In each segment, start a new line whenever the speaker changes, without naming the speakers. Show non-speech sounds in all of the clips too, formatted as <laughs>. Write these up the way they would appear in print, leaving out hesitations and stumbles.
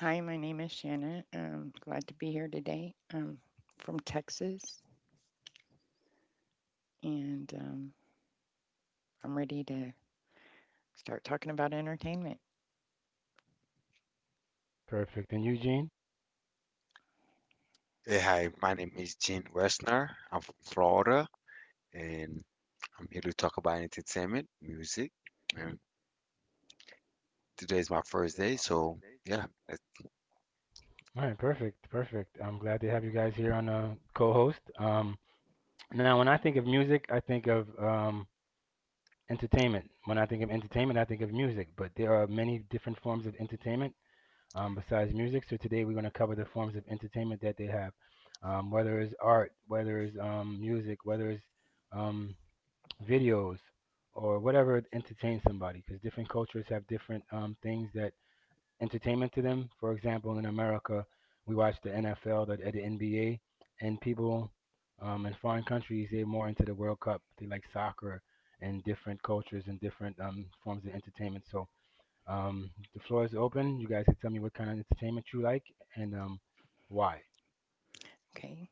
Hi, my name is Shanna. I glad to be here today. I'm from Texas and I'm ready to start talking about entertainment.
Hey, hi, my name is Gene Westner. I'm from Florida and I'm here to talk about entertainment, music. And today's my first day, so yeah.
Okay.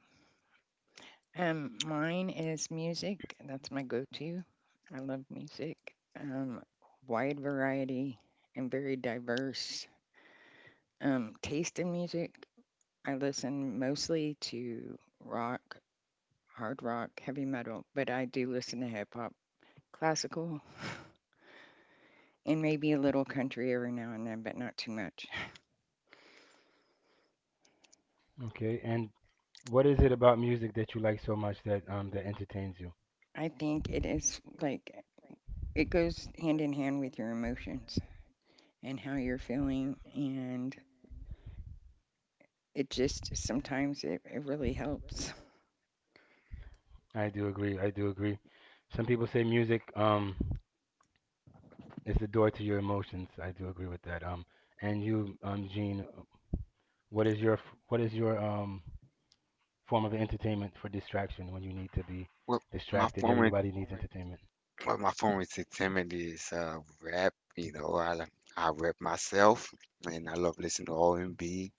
Mine is music. That's my go to. I love music. Um, Wide variety and very diverse taste in music. I listen mostly to rock, hard rock, heavy metal, but I do listen to hip hop, classical, and maybe a little country every now and then, but not too much. I think it is like it goes hand in hand with your emotions and how you're feeling, and it just sometimes it really helps. <laughs>
Well, my form of, my form of entertainment is rap. You know, I rap myself and I love listening to R&B,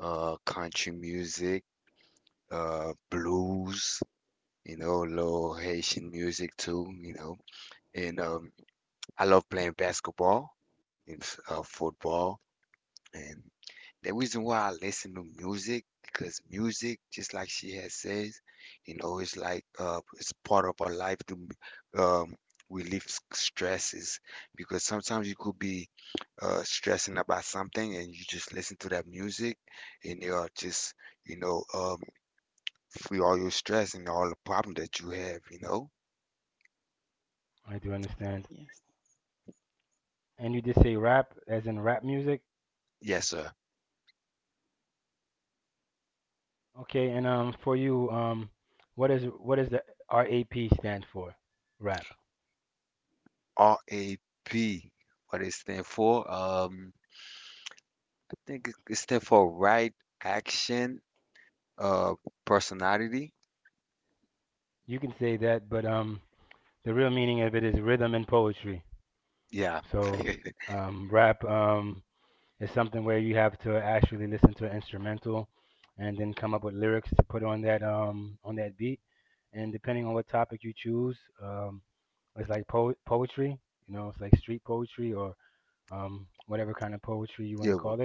country music, blues, you know, little Haitian music too, you know. And I love playing basketball and football. And the reason why I listen to music, because music, just like she has says, you know, it's like it's part of our life to relieve stresses. Because sometimes you could be stressing about something, and you just listen to that music, and you are just, you know, um, free all your stress and all the problem that you have. You know,
Yes.
yes, sir. RAP. What it stand for? I think it stand for right action. Uh, Personality. Yeah. <laughs> Yeah. Well,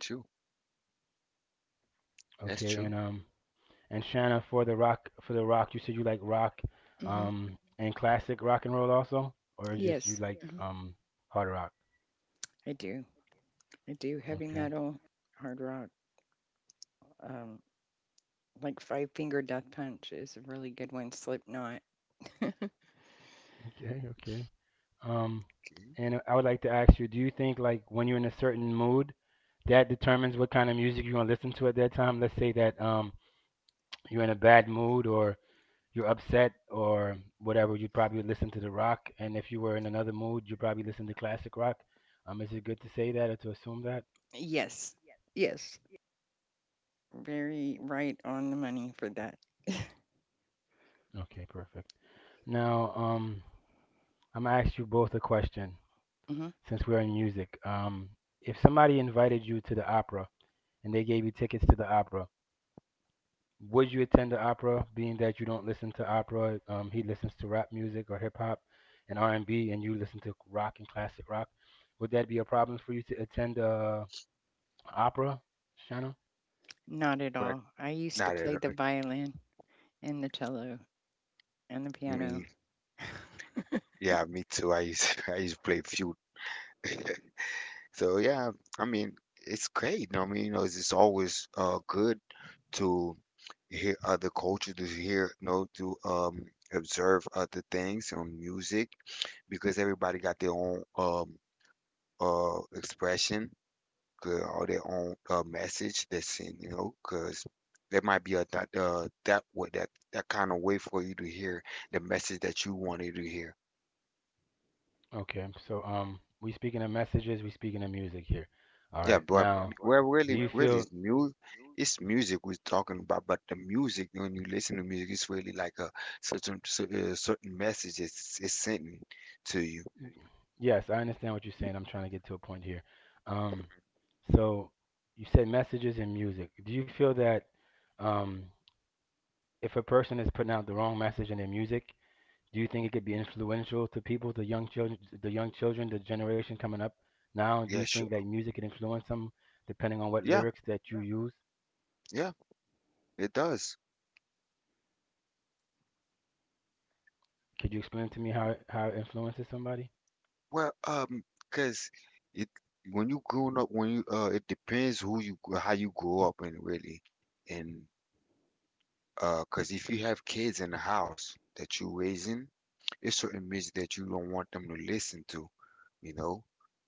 true. That's true.
Hmm. Yes, uh-huh. I do. I do. Heavy metal, hard rock, um, like Five Finger Death Punch is a really good one. Slipknot.
Okay.
Yes. Yes. Very right on the money for that. Hmm. Not at
But
all. I used to
not at
play the
all.
violin. And the cello and the piano.
Me. Yeah. Me too. I used <laughs> I used to play feud. <laughs> So yeah. I mean, it's great. I mean, you know, it's always good to hear other cultures, to hear, you know, to observe other things on music because everybody got their own expression good all their own message they send, you know, because there might be a that that way that that kind of way for you to hear the message that you wanted to hear. Yeah, but well, really, really, it's music. It's music we're talking about, but the music when you listen to music, it's really like a certain certain message it's sending to you. Yeah, sure. Yeah, yeah, it does. Well, cause it when you growing up, when you it depends who you how you grow up and really, and because if you have kids in the house that you're raising, it's certain music that you don't want them to listen to, you know,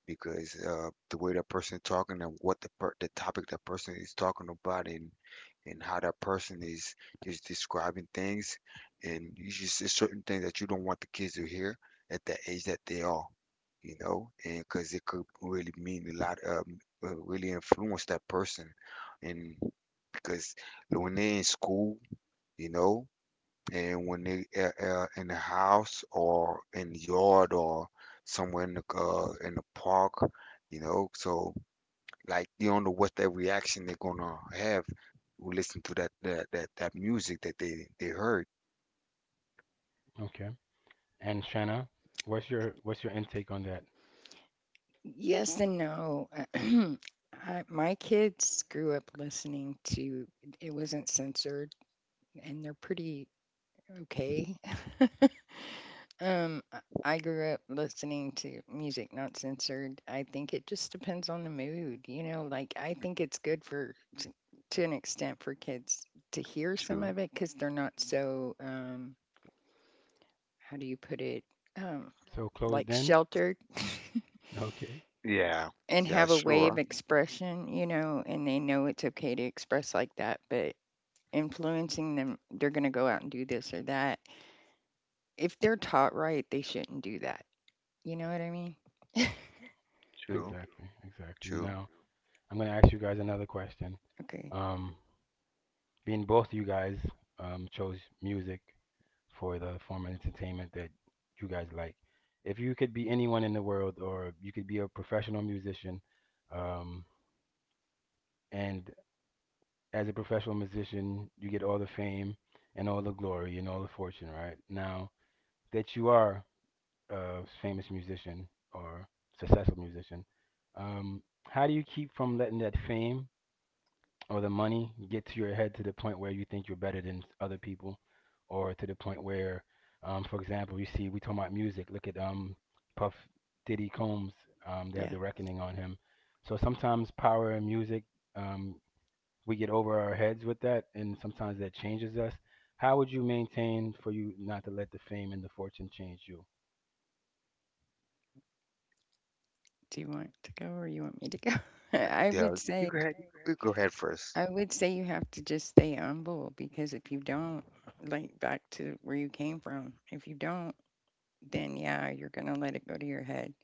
because the way that person talking and what the topic that person is talking about and how that person is describing things, and you just it's certain things that you don't want the kids to hear at the age that they are, you know, and because it could really mean a lot, really influence that person, and because when they're in school you know. And when they in the house or in the yard or somewhere in the park, you know, so like you don't know what that reaction they're gonna have who listen to that music that they heard.
Yes. Mhm. And no. <clears throat> I, my kids grew up listening to it, wasn't censored, and they're pretty okay. <laughs> um I I grew up listening to music not censored. I think it just depends on the mood, you know, like I think it's good for to an extent for kids to hear some
True.
of it cuz they're not so how do you put it? Um like sheltered. <laughs>
Yeah.
And
Yeah.
have a way of
Sure.
expression, you know, and they know it's okay to express like that, but influencing them, they're going to go out and do this or that. If they're taught right, they shouldn't do that. You know what I mean?
True. True.
Okay. Yeah. Do you want to go or you want me to go? <laughs> I
Yeah.
would
You
say
go ahead. You go ahead first.
I would say you have to just stay humble because if you don't, like back to where you came from, if you don't, then yeah, you're going to let it go to your head.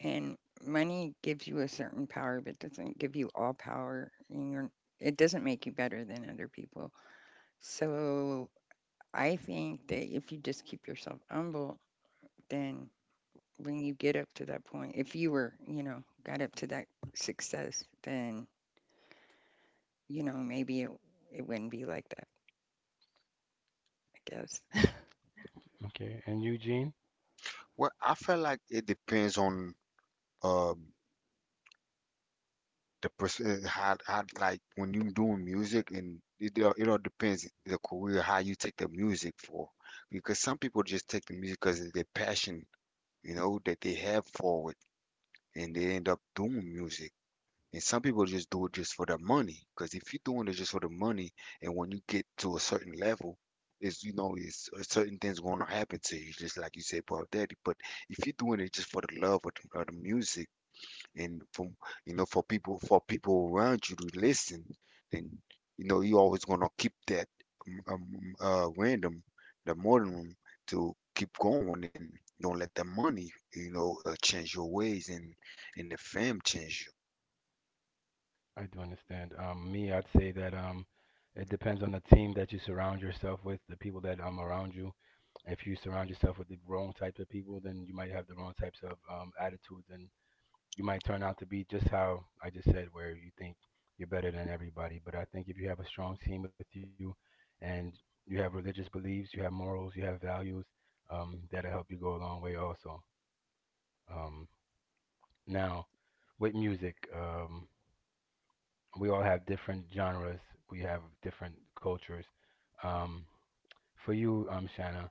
And money gives you a certain power, but doesn't give you all power. And it doesn't make you better than other people. So I think that if you just keep yourself humble, then when you get up to that point, if you were, you know, got up to that success, then, you know, maybe it wouldn't be like that, I guess.
Well, I feel like it depends on um the person how like when you doing music and it all depends the career how you take the music for because some people just take the music because of their passion you know that they have for it and they end up doing music and some people just do it just for the money because if you're doing it just for the money and when you get to a certain level is you know is certain things going to happen to you just like you said about daddy but if you're doing it just for the love of the music and from you know for people around you to listen then you know you always gonna keep that um, random the modern to keep going and don't let the money you know change your ways and the fam change you.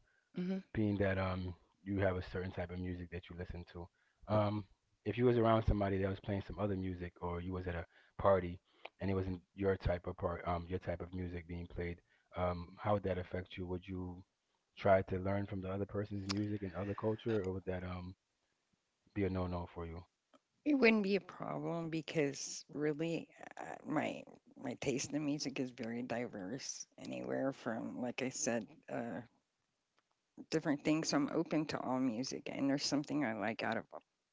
<laughs> Hmm. It wouldn't be a problem because really, uh, my my taste in music is very diverse. Anywhere from, like I said, uh, different things. So I'm open to all music, and there's something I like out of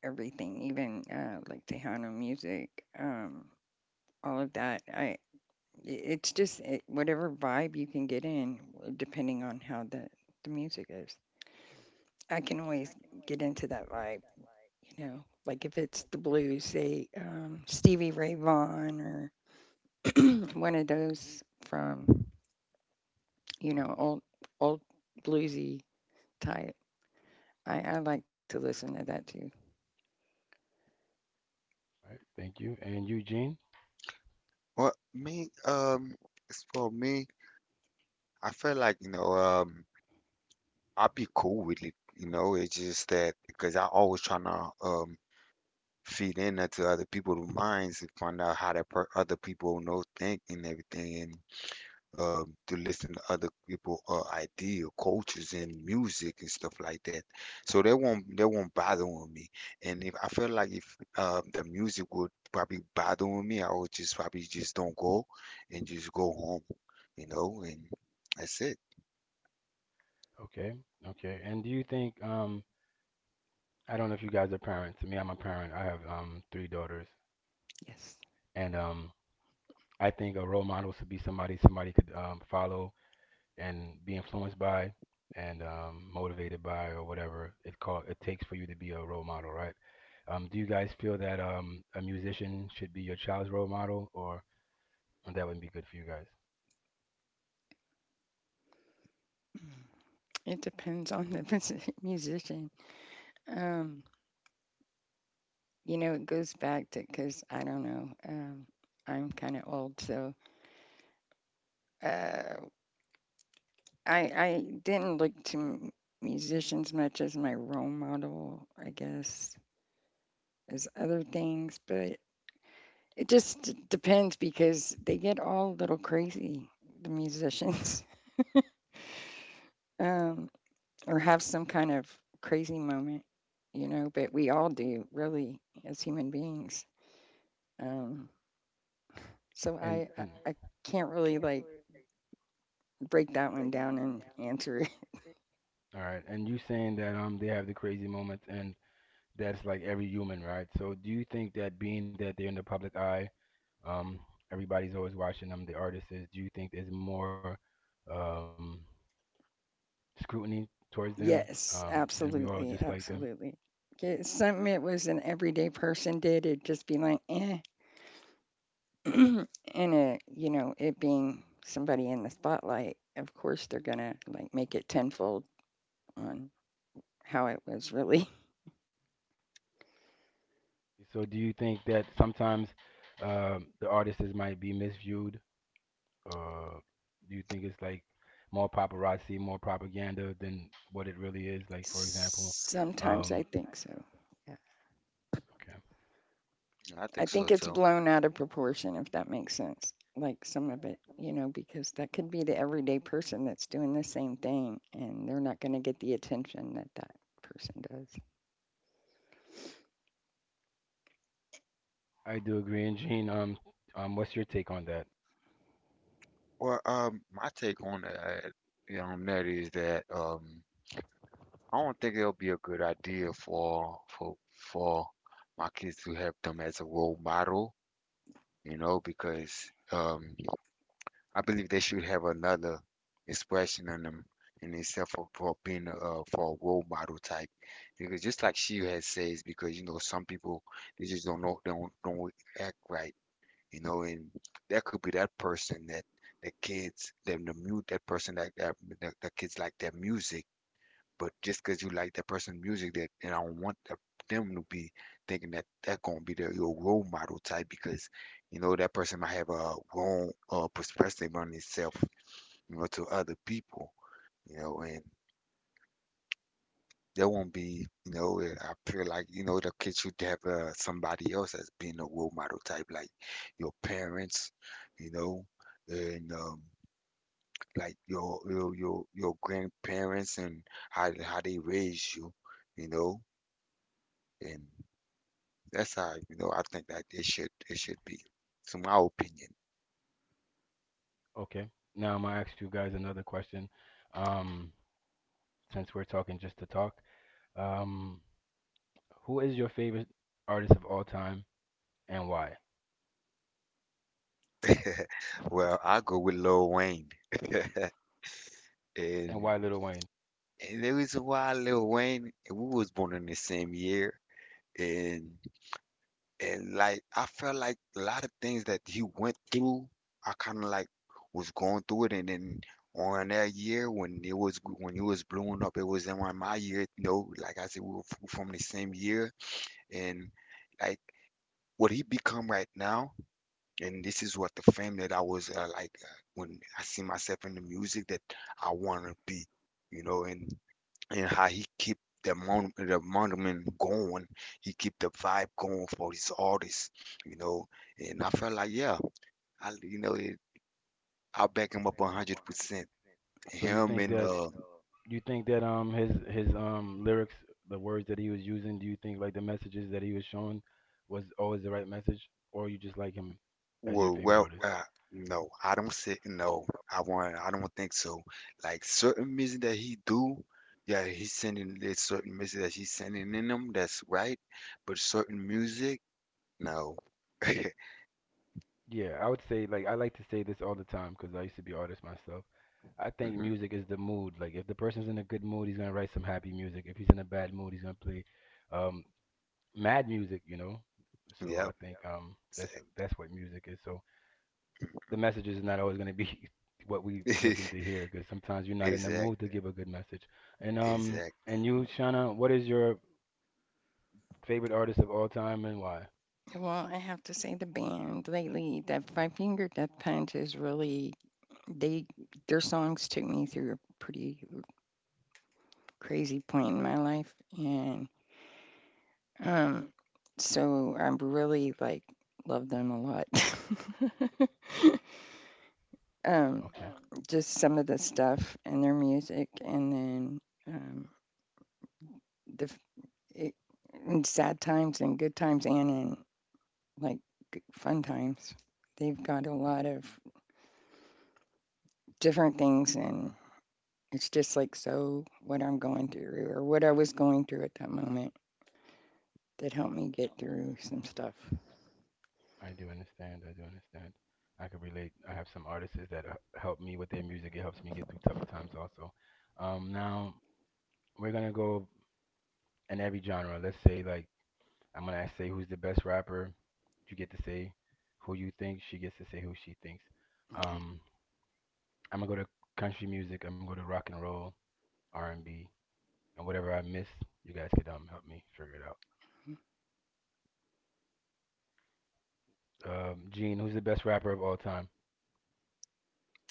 everything, even like Tejano music, um, all of that. I It's just whatever vibe you can get in, depending on how the music is. I can always get into that vibe, you know. Like if it's the blues, say Stevie Ray Vaughan or one of those from you know old old bluesy type. I like to listen to that too.
Well, me, it's for me, I feel like, you know, I'll be cool with it, you know, it's just that because I always trying to feed in into other people's minds and find out how that per other people know think and everything and to listen to other people idea, cultures and music and stuff like that. So they won't bother with me. And if I feel like if the music would probably bother with me, I would just probably just don't go and just go home, you know, and that's it.
Yes. It depends on the <laughs> musician. Um, you know, it goes back to because I don't know. I'm kind of old, so uh, I didn't look to musicians much as my role model, I guess, as other things. But it just depends because they get all a little crazy, the musicians, <laughs> um, or have some kind of crazy moment, you know. But we all do, really, as human beings. Um, So I can't really like break that one down and answer it. <laughs> Yes, absolutely, absolutely. 'Kay, Something it was an everyday person did, it'd just be like, eh, <clears throat> and it, you know, it being somebody in the spotlight, of course they're gonna like make it tenfold on how it was really. <laughs> Sometimes I think so.
I
I
think
think
so
it's
too.
blown out of proportion, if that makes sense. Like some of it, you know, because that could be the everyday person that's doing the same thing and they're not going to get the attention that that person does.
Well, my take on that is that I don't think it'll be a good idea for my kids to have them as a role model, you know, because I believe they should have another expression on them in itself for being for a role model type. Because just like she has says, because you know some people they just don't know don't act right, you know, and that could be that person that the kids them the mute that person that the kids like their music, but just because you like that person's music, that and I don't want them to be thinking that that's gonna be their your role model type because you know that person might have a wrong perspective on itself, you know, to other people, you know, and there won't be, you know, I feel like you know the kids should have somebody else as being a role model type, like your parents, you know, and like your grandparents and how they raised you, you know. And that's how, you know, I think that it should be, to my opinion. <laughs> Well, I go with Lil Wayne. <laughs> And and the reason why Lil Wayne, and we was born in the same year, and and like I felt like a lot of things that he went through, I kind of like was going through it, and then on that year when it was when he was blowing up, it was in one of my year. You know, like I said, we were from the same year, and like what he become right now. And this is what the fame that I was like when I see myself in the music that I want to be, you know, and how he keep the monument going, he keep the vibe going for his artists, you know, and I felt like yeah, I you know it, I back him up 100%. Him and well, no, I don't say no. I don't think so. Like certain music that he do, yeah, he's sending there's certain music that he's sending in him. That's right. But certain music, no. <laughs> Hmm. Yep. Exact. <laughs> Exact. Exact.
Well, I have to say the band lately, that Five Finger Death Punch is really, they, their songs took me through a pretty crazy point in my life. And um, so I'm really like, love them a lot. <laughs> um, just some of the stuff and their music, and then um, the f- it, in sad times and good times, and in like fun times, they've got a lot of different things, and it's just like so what I'm going through or what I was going through at that moment that helped me get through some stuff. Okay,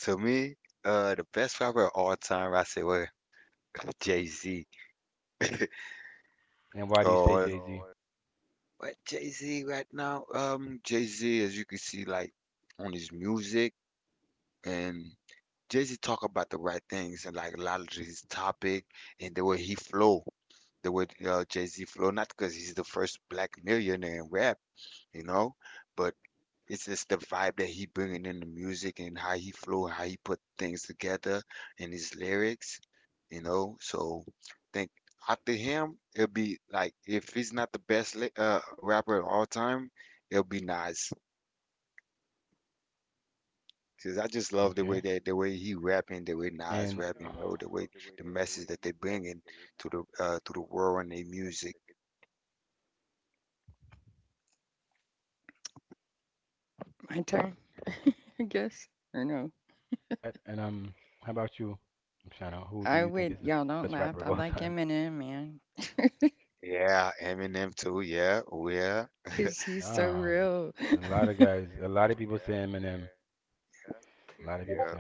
To me, the best rapper of all time, I say, well, <laughs> Jay-Z. Oh, <laughs> but Jay-Z right now, Jay-Z, as you can see, like on his music and Jay-Z talk about the right things and like a lot of his topic and the way he flow, the way Jay-Z flow, not because he's the first black millionaire in rap, you know, but it's just the vibe that he bringing in the music and how he flow, how he put things together in his lyrics, you know. So think after him, it'll be like if he's not the best rapper of all time, it'll be Nas. Cause I just love the way he rapping, the way Nas rapping, you know, the way the message that they bringing to the world and their music.
my turn, <laughs> I guess, or no? I would Y'all don't laugh. I like Eminem, man,
Yeah, Eminem too. Yeah, oh yeah,
cause he's so real.
yeah.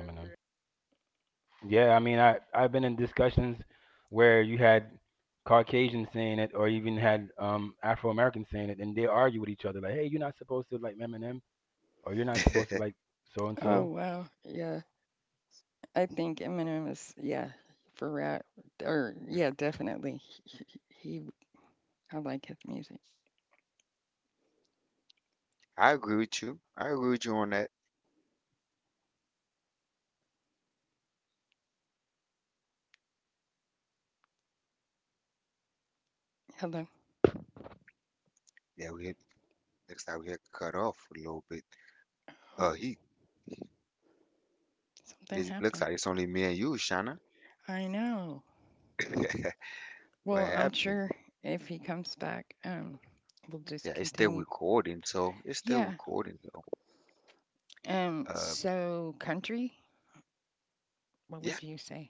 <laughs>
Oh wow, yeah. I think Eminem is yeah for rap or
Mm,
yeah definitely he. I like his music.
I agree with you. I agree with you on that.
Hello,
Yeah, looks like we had cut off a little bit.
oh,
He
something
It looks
happened.
like it's only me and you, Shana.
I know.
<laughs> What
Well, I'm
happened?
sure if he comes back, we'll
Yeah,
just
it's still
continue.
recording, so it's still
Yeah.
recording though. Uh,
So country, what
yeah.
would you say?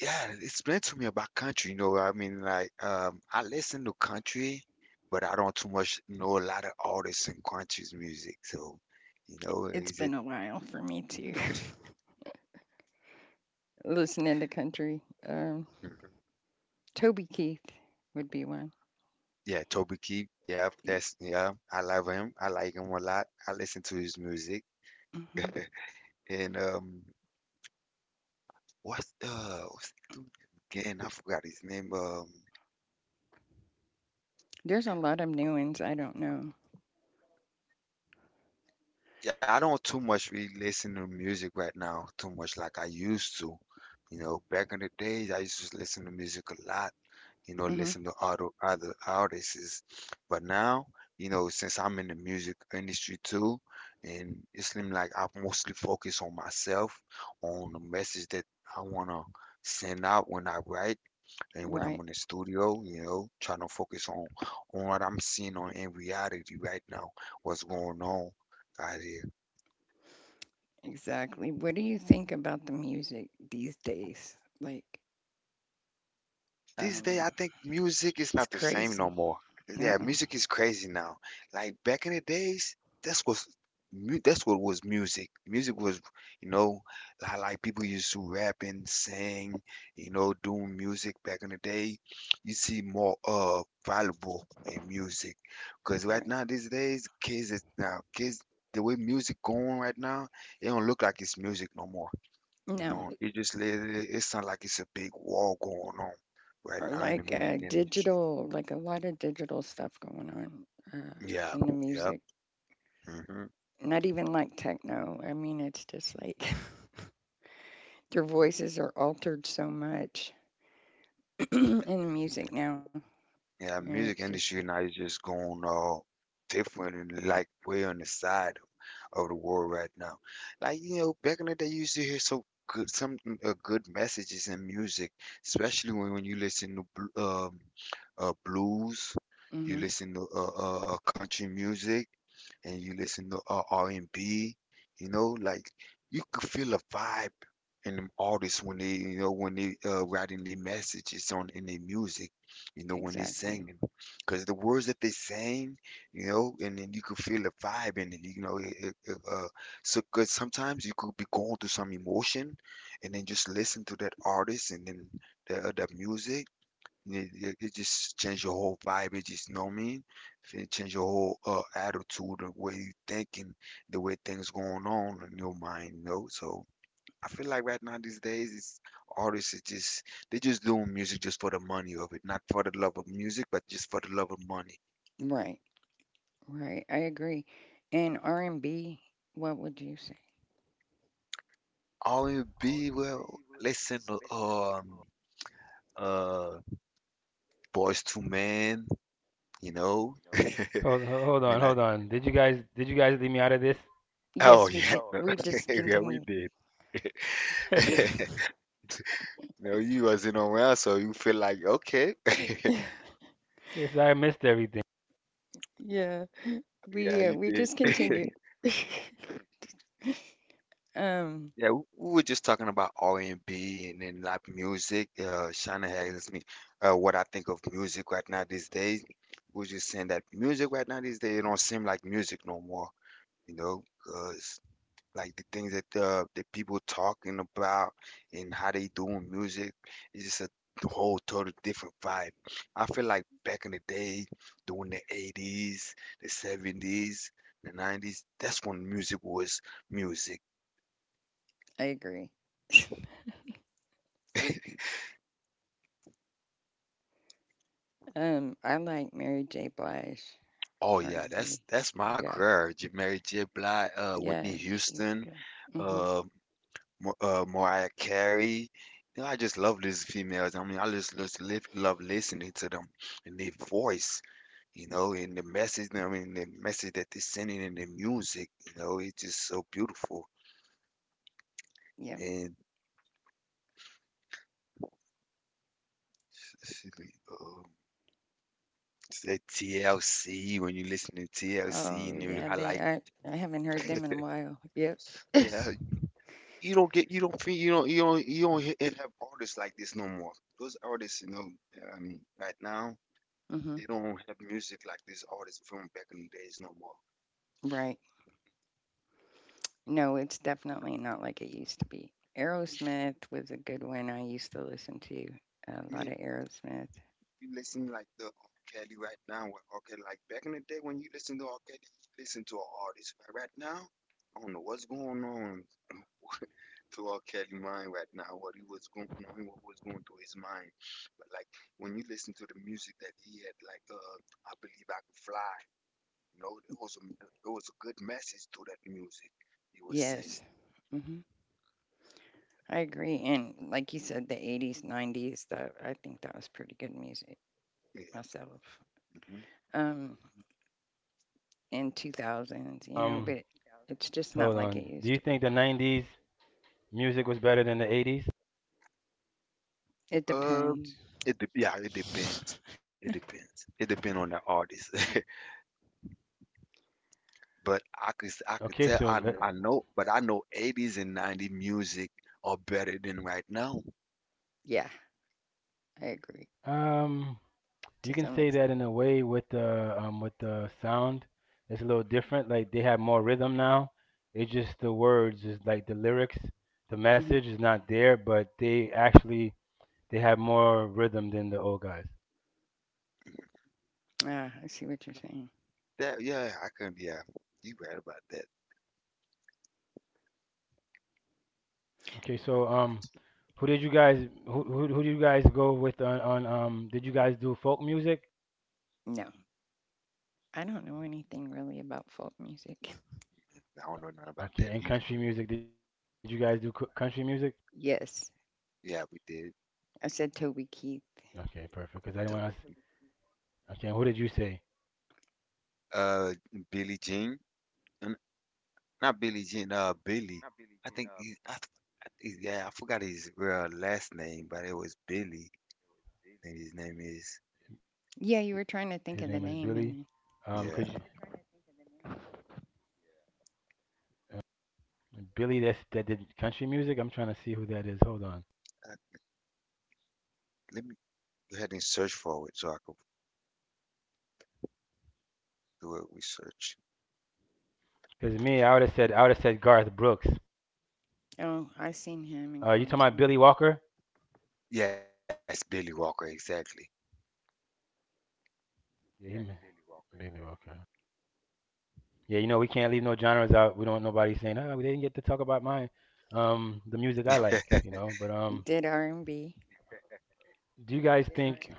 Yeah, it's meant to me about country, you know. I mean, like, I listen to country, but I don't too much know a lot of artists in country's music. So, you know,
It's
is it?
been a while for me too. <laughs> Listening to country,
Mhm.
Toby Keith would be one.
Yeah, Toby Keith. Yeah,
Yeah.
that's yeah. I love him. I like him a lot. I listen to his music.
Hmm.
And what's the dude again? I forgot his name.
There's a lot of new ones I don't know.
Yeah, I don't too much really listen to music right now, too much like I used to. You know, back in the days, I used to listen to music a lot. You know,
Hmm.
listen to other artists. But now, since I'm in the music industry too, and it seems like I mostly focus on myself, on the message that I wanna send out when I write and when I'm
Right.
in the studio, trying to focus on what I'm seeing on in reality right now, what's going on out here.
Exactly. What do you think about the music these days? Like,
These days,
um,
I think music is
it's
not the same no
crazy.
more.
No,
Yeah, music is crazy now. Like back in the days, that's was that's what was music. Music was, you know, like people used to rap and sing, doing music back in the day. You see more valuable in music, because right
right.
now these days, kids is now kids, the way music going right now, it don't look like it's music no more.
No,
No, it sound like it's a big war going on right
or
now in the
like
music industry.
digital, like a lot of digital stuff going on uh,
Yeah,
in the
yep.
music.
Hmm.
Not even like techno. I mean, it's just like <laughs> their voices are altered so much <clears throat> in the music now,
Yeah,
and it's
music
just
industry now is just going all different and like way on the side of the world right now. Like, back in the day, you used to hear so good, some good messages in music, especially when you listen to blues, you
mm-hmm,
listen to country music, and you listen to R&B, like you could feel a vibe in them artists when they, when they writing their messages on in their music, when they
exactly
singing, because the words that they sing, and then you could feel the vibe in it. So, 'cause sometimes you could be going through some emotion, and then just listen to that artist, and then the music. And it just change your whole vibe. It just, know what I mean? It change your whole attitude, the way you thinking, the way things going on in your mind. So I feel like right now these days, it's artists are just doing music just for the money of it, not for the love of music, but just for the love of money.
right. Right, I agree. And R and B, what would you
All in be well. Listen, um, uh, Boys to Men, you know. <laughs> We're like, oh
Yes, we
yeah,
did.
no.
We
<laughs> yeah, we
discontinued.
did. <laughs> No, you wasn't around, so you feel like okay, <laughs>
Yeah,
yeah, you
we
did.
discontinued.
<laughs>
<laughs> Um,
Yeah, we were just talking about R&B and B and then like music. Shana had asked me what I think of music right now these days. We were just saying that music right now these days it don't seem like music no more, 'cause like the things that the people talking about and how they doing music is just a whole total different vibe. I feel like back in the day, during the 80s, the 70s, the 90s, that's when music was music.
I agree.
<laughs>
I like Mary J. Blige
Oh yeah, that's
R&B.
my
Yeah,
girl, Mary J. Blige,
yeah,
Whitney
she's
Houston,
good. Mhm.
um, Mariah Carey. You know, I just love these females. I mean, I just love listening to them and their voice, you know, and the message. I mean, the message that they're sending in the music, it's just so beautiful.
Yep.
And um, that TLC when you listen to TLC,
Oh
and you
yeah,
I
they.
like,
I haven't heard them in a while. Yep.
yeah, you don't get, you don't feel, you don't have artists like this no more. Those artists, you know, I mean, right now
Mhm.
they don't have music like these artists from back in the days no more.
Right. No, it's definitely not like it used to be. Aerosmith was a good one. I used to listen to a
I
lot
mean,
of
like
Aerosmith.
you listen like the R. Kelly right now, with R. Kelly, like back in the day when you listen to R. Kelly, you listen to an artist. But right now, I don't know what's going on to R. Kelly mind right now, what he was going on, what was going through his mind. But like when you listen to the music that he had, like I Believe I Can Fly. You know, there was a good message to that music he was
Yes.
singing.
Mm-hmm. I agree, and like you said, the '80s, '90s, that I think that was pretty good music
Yeah.
myself.
Mm-hmm.
Um, in
Do you
2000s,
think
you know, but it's just not
hold
like it
on? Do
used
you
to
think
be.
the '90s music was better than the '80s?
It depends.
Um, it dep Yeah, it depends. It
<laughs>
depends. It depends on the artist. <laughs> But I could I
Okay,
could
so
tell, I
let-
I know, but I know 80s and 90s music are better than right now.
Yeah, I agree
um
to
you can
some
say
extent.
that in a way with the sound, it's a little different. Like they have more rhythm now. It's just the words, is like the lyrics, the
Mhm.
message is not there, but they actually they have more rhythm than the old guys.
Ah, I see what you're saying.
That, yeah, I can, yeah. You right about that.
Okay, so um. Who did you guys go with on did you guys do folk music?
No, I don't know anything really about folk music. <laughs>
I don't know nothing
Okay, and
about that
country
either.
music. Did you guys do country music?
Yes,
Yeah, we did.
I said Toby Keith.
Okay, perfect. Because I didn't want to.
So,
Okay, and who did you say?
uh, Billie Jean, N- not Billie Jean. Billy. I think he, I, th- I think- Yeah, I forgot his real last name, but it was Billy, and his name is,
Yeah, you were trying to
His
think of
name
the
is
name,
Billy.
and then,
Could you,
yeah.
uh, Billy? That's that did country music. I'm trying to see who that is. Hold on.
I, Let me. Go ahead and search for it so I can do a research.
Because me, I would have said Garth Brooks. You talking about
oh,
Billy
I seen
Walker?
him in concert.
Yes, Billy Walker, exactly.
Yeah, Billy Walker. Yeah, you know we can't leave no genres out. We don't want nobody saying, "Oh, they didn't get to talk about mine." The music I
<laughs>
like, you know. But
He did R and B.
do you guys
You
think?
Country.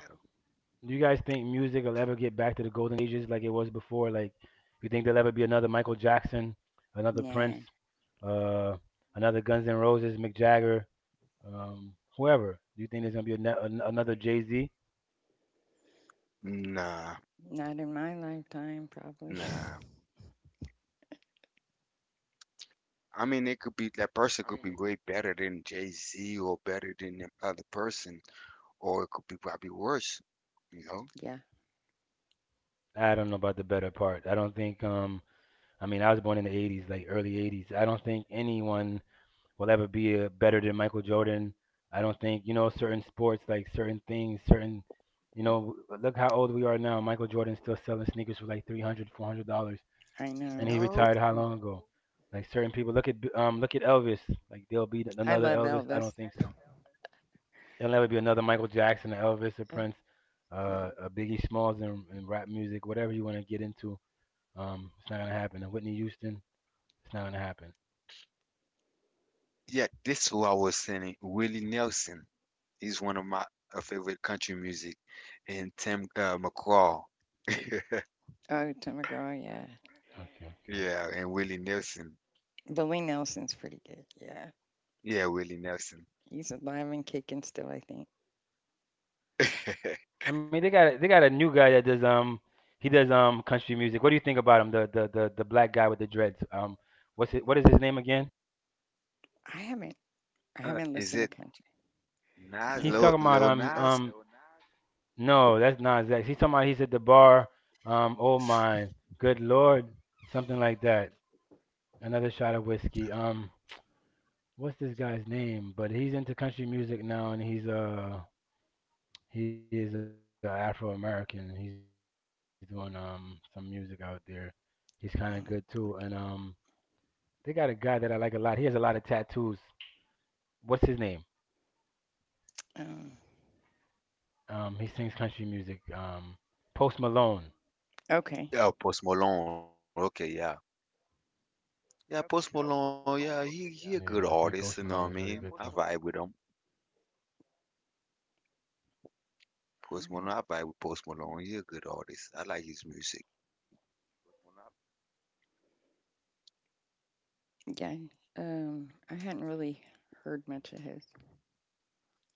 Do you guys think music will ever get back to the golden ages like it was before? Like, you think there'll ever be another Michael Jackson, another Prince,
Nah,
uh, another Guns N' Roses, Mick Jagger, whoever? Do you think there's gonna be another Jay Z?
know, nah,
not in my lifetime, probably.
nah. I mean, it could be that person
I
could be
mean, it,
way better than Jay-Z or better than the other person, or it could be probably worse, you know?
<laughs> Yeah,
I don't know about the better part. I don't think. I mean, I was born in the '80s, like early '80s. I don't think anyone will ever be a, better than Michael Jordan. I don't think you know certain sports like certain things, certain you know look how old we are now. Michael Jordan's still selling sneakers for like $300, $400,
I
Mm,
and
you
know.
he
That's
retired
know?
how
good.
long ago? Like certain people look at Elvis. Like there'll be
I
another
love
Elvis. I don't
Elvis.
think so. There'll never be another Michael Jackson, or Elvis, or
Uh,
Prince,
no.
a Biggie Smalls, and rap music, whatever you want to get into. It's not gonna happen. And Whitney Houston, it's not gonna happen.
Yeah, this who I was singing, Willie Nelson. He's one of my favorite country music, and Tim McGraw. <laughs>
Oh, Tim McGraw, yeah.
Okay,
Yeah,
okay.
and Willie Nelson.
Willie Nelson's pretty good. Yeah,
Yeah, Willie Nelson.
he's alive and kicking still. I think.
<laughs>
I mean, they got a new guy that does he does country music. What do you think about him? The black guy with the dreads. What's it? What is his name again?
I haven't. I haven't
Is
listened to
it
country in a
He's
while.
talking about
Lil Nas?
no, that's not Zach. He's talking about he's at the bar. Oh my, good lord, something like that. Another shot of whiskey. What's this guy's name? But he's into country music now, and he is Afro American. He's doing some music out there. He's kind of good too, and
Mm, look
they
it
got a guy that I like a lot. He has a lot of tattoos. What's his name?
up.
He sings country music. Post Malone.
Okay.
Yeah, Post Malone. Okay, yeah, yeah, Post Malone. Yeah, he a
Yeah.
good
Yeah, I think
artist. You
Post
know what I
Malone is
mean?
really
I
good too.
vibe with him. Post
Artist.
Malone. I vibe with Post Malone. He a good artist. I like his music.
Yeah. I hadn't really heard much of his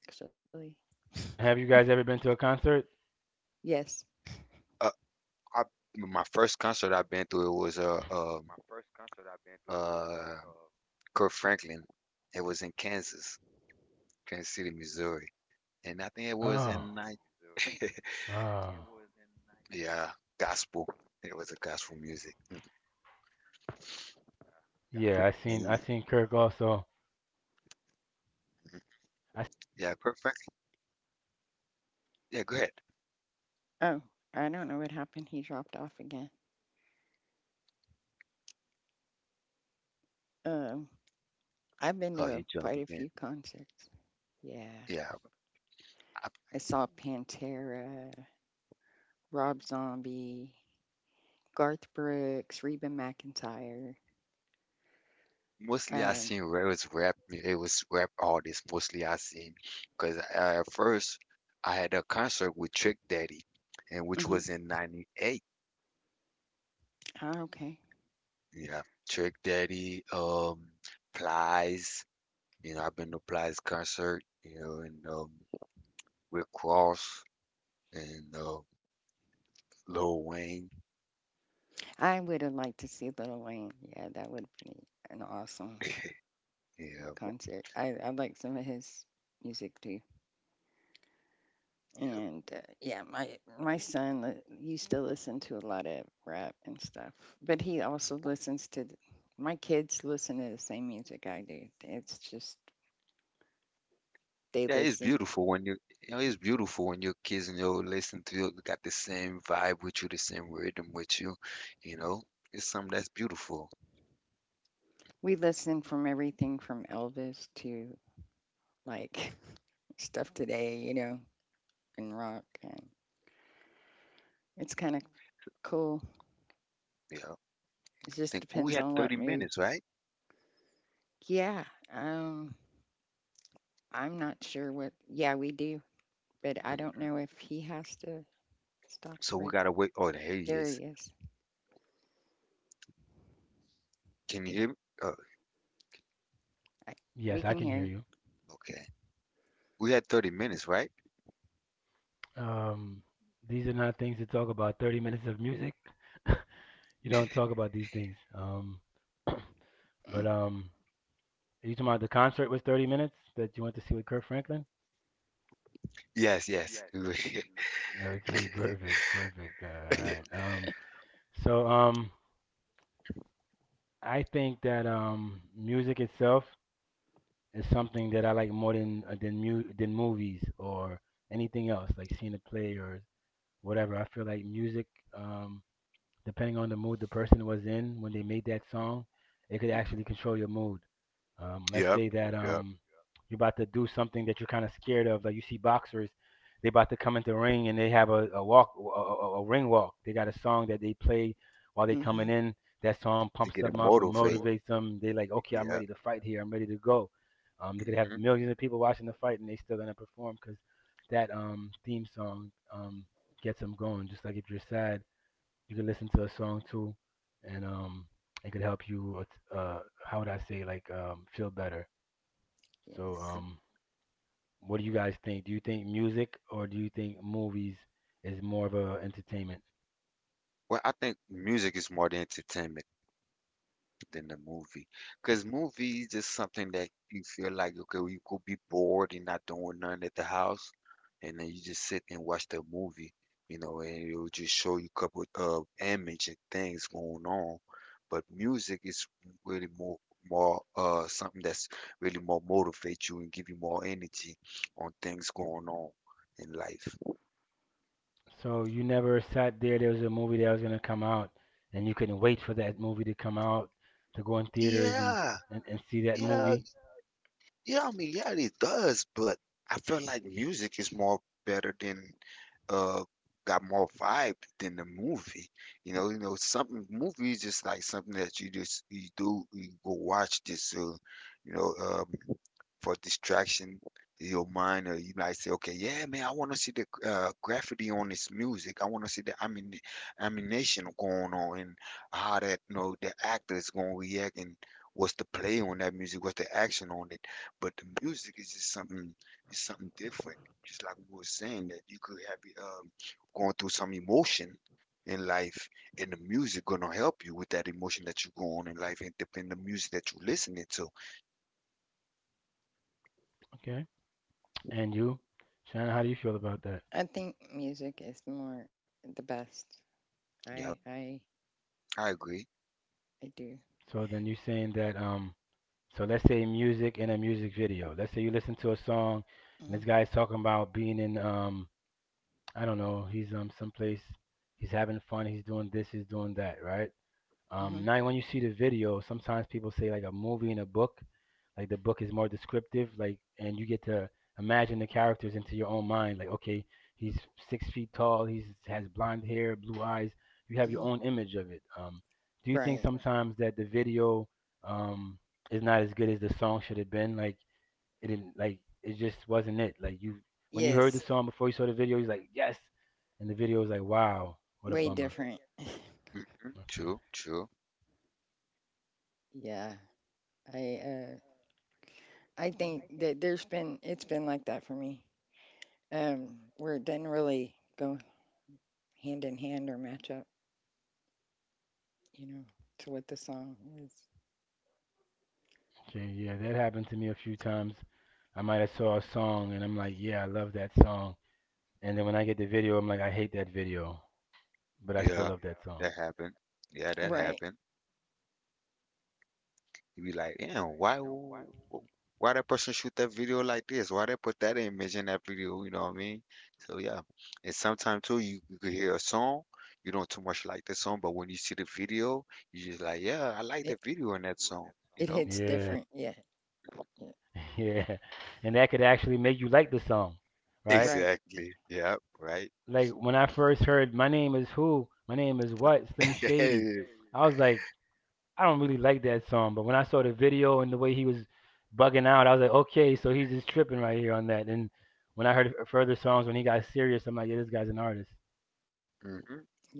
actually.
Okay, and have you guys ever been to a concert?
Yes.
Uh, I, my first concert I've been to, it was uh Kirk Franklin. It was in Kansas, Kansas City, Missouri, and I think it was in
Oh,
night. <laughs>
oh,
Yeah, gospel. It was a gospel music. Mm.
yeah. I
And
seen Kirk also. I seen Kirk
yeah, Kirk
also.
Franklin.
He's full of energy,
Yeah,
full
go
of
ahead.
love. I mean,
Oh,
his
I
messages
don't know what happened. He
this guy
dropped off
never
again.
stops. Like he's singing, he's dancing, he's singing songs of joyous,
Um,
songs of
I've been
Oh, he
to
dropped
quite a
um
again.
few concerts.
Christianity.
Yeah.
Yeah,
I love his
I,
concerts.
I
Also, I've
saw
been to one of his concerts.
Pantera, Rob Zombie, Garth Brooks, Reba McEntire.
Mostly I
Um,
seen where it was rap. It was
You guys.
rap artists mostly I seen, cause at first I had a concert with Trick Daddy, and which
hmm
was in '98.
okay.
Yeah, Trick Daddy, Plies. You know, I've been to Plies concert. You know, and Rick Ross and Lil Wayne.
I would have liked to see Little Wayne. Yeah, that would have been an awesome
<laughs> Yeah,
concert. I like some of his music too. And yeah, my son used to listen to a lot of rap and stuff, but he also listens to. My kids listen to the same music I do. It's just they
yeah, it's
listen
beautiful when you, it's beautiful when your kids, listen to you, got the same vibe with you, the same rhythm with you, you know. It's something that's beautiful,
we listen from everything from Elvis to like <laughs> stuff today, you know, and rock, and it's kind of cool.
you know.
It just
Think we
depends
had
on what
30
mood.
minutes, right?
Yeah, um, I'm not sure what. Yeah, we do, but I don't know if he has to stop
So
the
we
record.
gotta wait. Oh, there he
There
is.
he is.
Can you hear me? Oh,
I, we can hear you.
okay. We had 30 minutes, right? Yes, yes. <laughs> Yep, yep.
Mm-hmm.
To get it motivated. Yeah. Hmm.
Yes,
Well, I think music is more than entertainment than the movie. Because movie is just something that you feel like, okay, well, you could be bored and not doing nothing at the house, and then you just sit and watch the movie, and it'll just show you a couple of image and things going on. But music is really more, something that's really more motivate you and give you more energy on things going on in life. Yeah, yeah. Yeah, I mean, yeah, it does, but I feel like music is more better than uh got more vibe than the movie. You know, something movie is just like something that you just, you go watch, just you know, for distraction in your mind, or you might say, okay, yeah, man, I want to see the graffiti on this music. I want to see the amination going on and how that, you know, the actor is going to react and what's the play on that music, what's the action on it. But the music is just something, it's something different. Just like we were saying that you could have, going through some emotion in life, and the music gonna help you with that emotion that you're going in life, and depending the music that you're listening to.
I think music is more the best. I
Yep,
I
I agree.
I do. Mm-hmm, mm-hmm, hmm. Right. Yes. Way different.
Hmm. True, true.
Yeah. I uh, I think that there's been it's been like that for me, where it didn't really go hand in hand or match up, you know, to what the song is.
Yeah, that happened. Yeah, that
Right.
happened. You be like, damn, why why that person shoot that video like this? Why they put that image in that video? You know what I mean? So yeah. And sometimes too, you could hear a song, you don't too much like the song, but when you see the video, you just like, yeah, I like
It
that video in that song. You know? <laughs>
hits different. Yeah. Yeah. Right.
Exactly. Yeah. Right. <laughs> Hmm. Yeah.
Yep.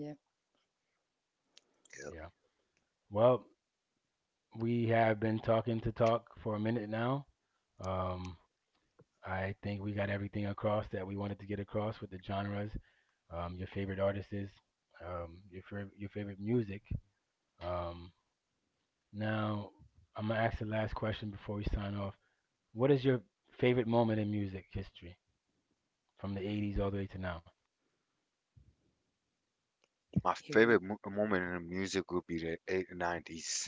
My
Favorite.
favorite mo moment in the music would be the eight 90s.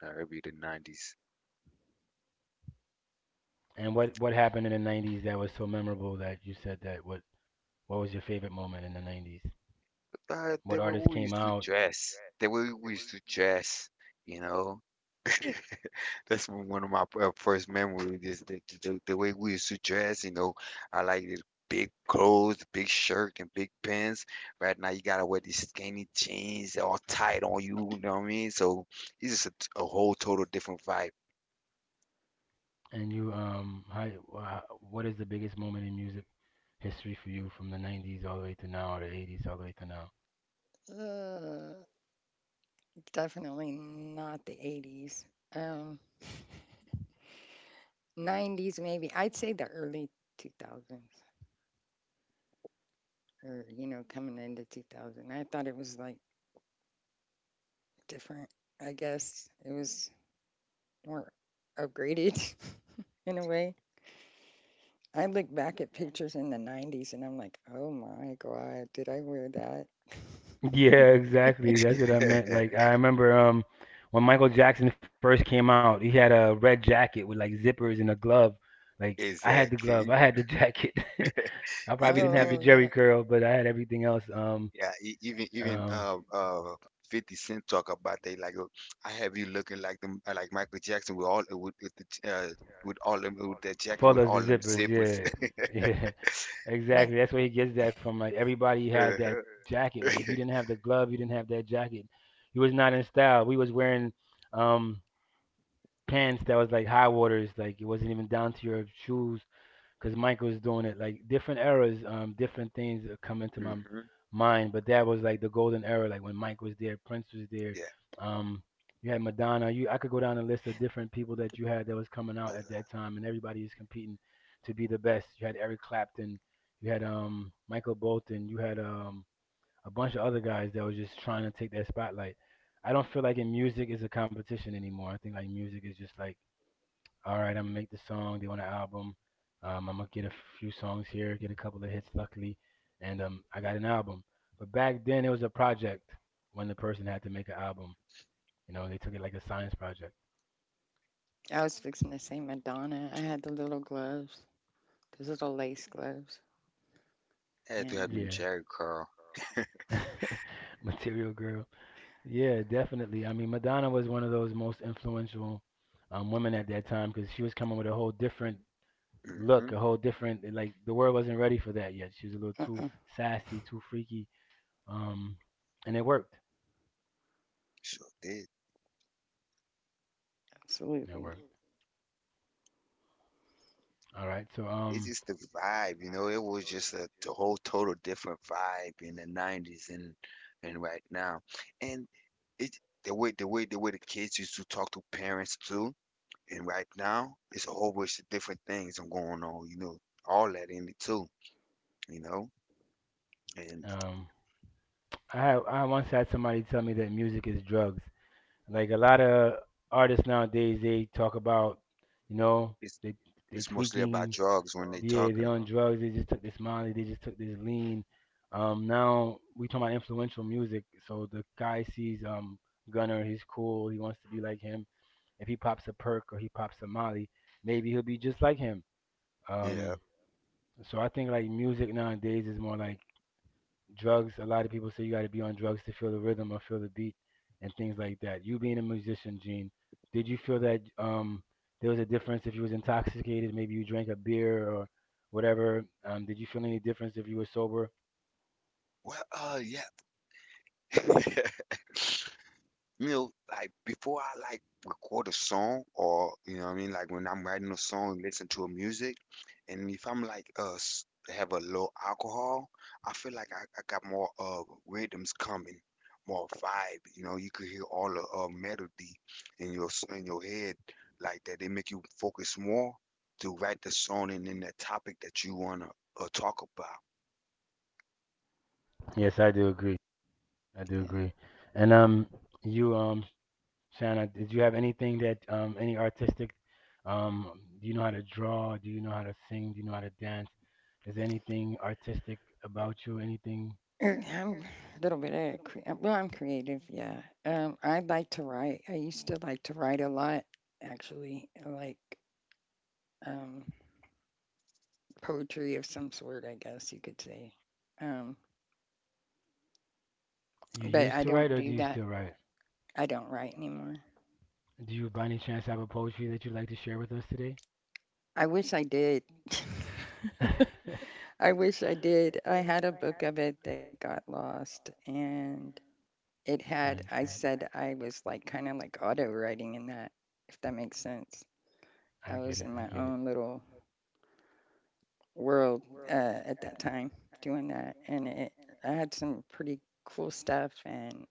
That would be the 90s. They will always do jazz. They will always do jazz, you know. <laughs> That's one of my first memories is the way we used to dress. I like the big clothes, big shirt, and big pants. Right now, you gotta wear these skinny jeans, all tight on you, you know what I mean? So it's just a whole total different vibe.
Uh, Definitely not the 80s. Um, 90s maybe. I'd say the early 2000s or you know coming into 2000. I thought it was like different. I guess it was were upgraded <laughs> in a way. I look back at pictures in the 90s and I'm like, oh my God, did I wear that? <laughs>
<laughs> Exactly. Even even
Oh, yeah.
Yeah, e- even even 50 Cent talk about they like I have you looking like them like Michael Jackson, with all with the j- with all them with that jacket with all them zippers. <laughs>
Like,
Uh-huh. <laughs> Hmm. Yeah, that's
I was fixing to say Madonna. I
true.
had the little gloves, the little lace gloves.
Had to have
And
them Jerry curl. Hmm.
uh-uh,
Sure did.
absolutely.
It's just the vibe, you know. It was just a whole total different vibe in the 90s and right now. And it the way the way the kids used to talk to parents too. And right now, it's a whole bunch of different things I'm going on, all that in it too, you know. And it's it's mostly about drugs when they talking. Yeah. Well, yeah. <laughs> Like before I record a song or you know what I mean, like when I'm writing a song, listen to a music, and if I'm like have a low alcohol, I feel like I got more rhythms coming, more vibe. You know, you could hear all the melody in your in your head like that. They make you focus more to write the song and then the topic that you wanna talk
Yeah. <clears throat> I'm a little bit of a I'm creative, yeah. I like to write. I used to like to write a lot, actually. I Like, um, poetry of some sort, I guess you could say. Um, but I don't do that. I don't write anymore. I wish I did. <laughs> I wish I did. I had a book of it that got lost, and it had, I said I was like kind of like auto writing in that, if that makes sense. I was in my own little world uh, at that time doing that, and I had some pretty cool stuff, and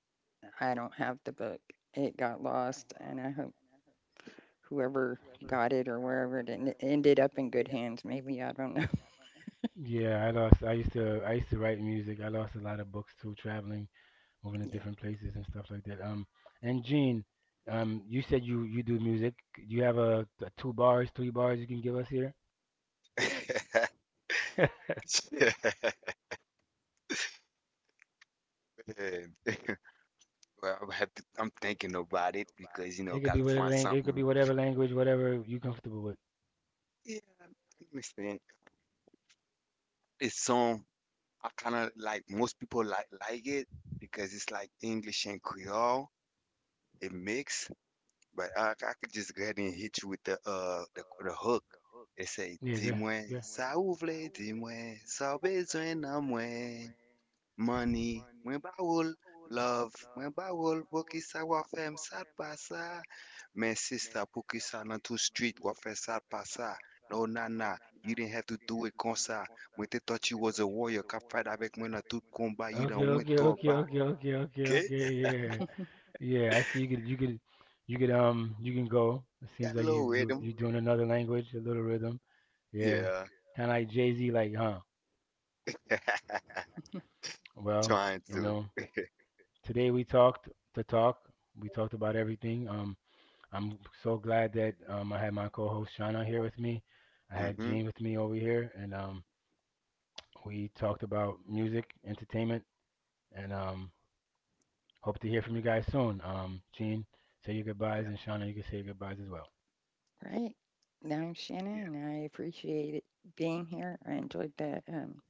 I don't have the book. It got lost, and I hope whoever got it or wherever it ended up in good hands, maybe. I don't know. <laughs> Yeah.
about. <laughs> Yeah. <laughs> Man. Well, I have to, I'm thinking about it because gotta find something. Yeah, I understand. This song, I kind of like. Most people like it because it's like English and Creole. It mix, but I could just go ahead and hit you with the the hook. It say, "Dis-moi, ça ouvre, dis-moi, ça besoin d'un moi, money, moi baoul, love, moi baoul, pour qui ça va faire, ça passe." Man, sister, porque ça dans tout street, what faire ça, pas ça. No, nah, nah, you didn't have to do it comme ça. When they thought you was a warrior, cap fight avec moi dans tout combat, you done went to a back. Okay,
<laughs>
got a little rhythm. Yeah, <laughs> trying to. Mm-hmm. Yeah,
Right. Now I'm
yeah.
Shannon, and I appreciate it being here. I enjoyed that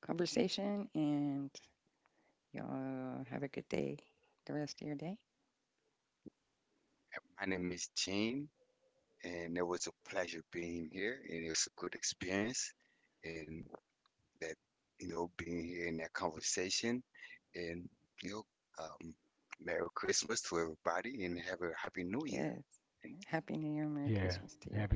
conversation, and y'all have a good day, the rest of your day.
My name is Gene, and it was a pleasure being here, and it was a good experience. And that you know being here in that conversation, and you know, um, Merry Christmas to everybody, and have a Happy New Year.
Yeah.
And
Happy New Year, Merry Christmas to you.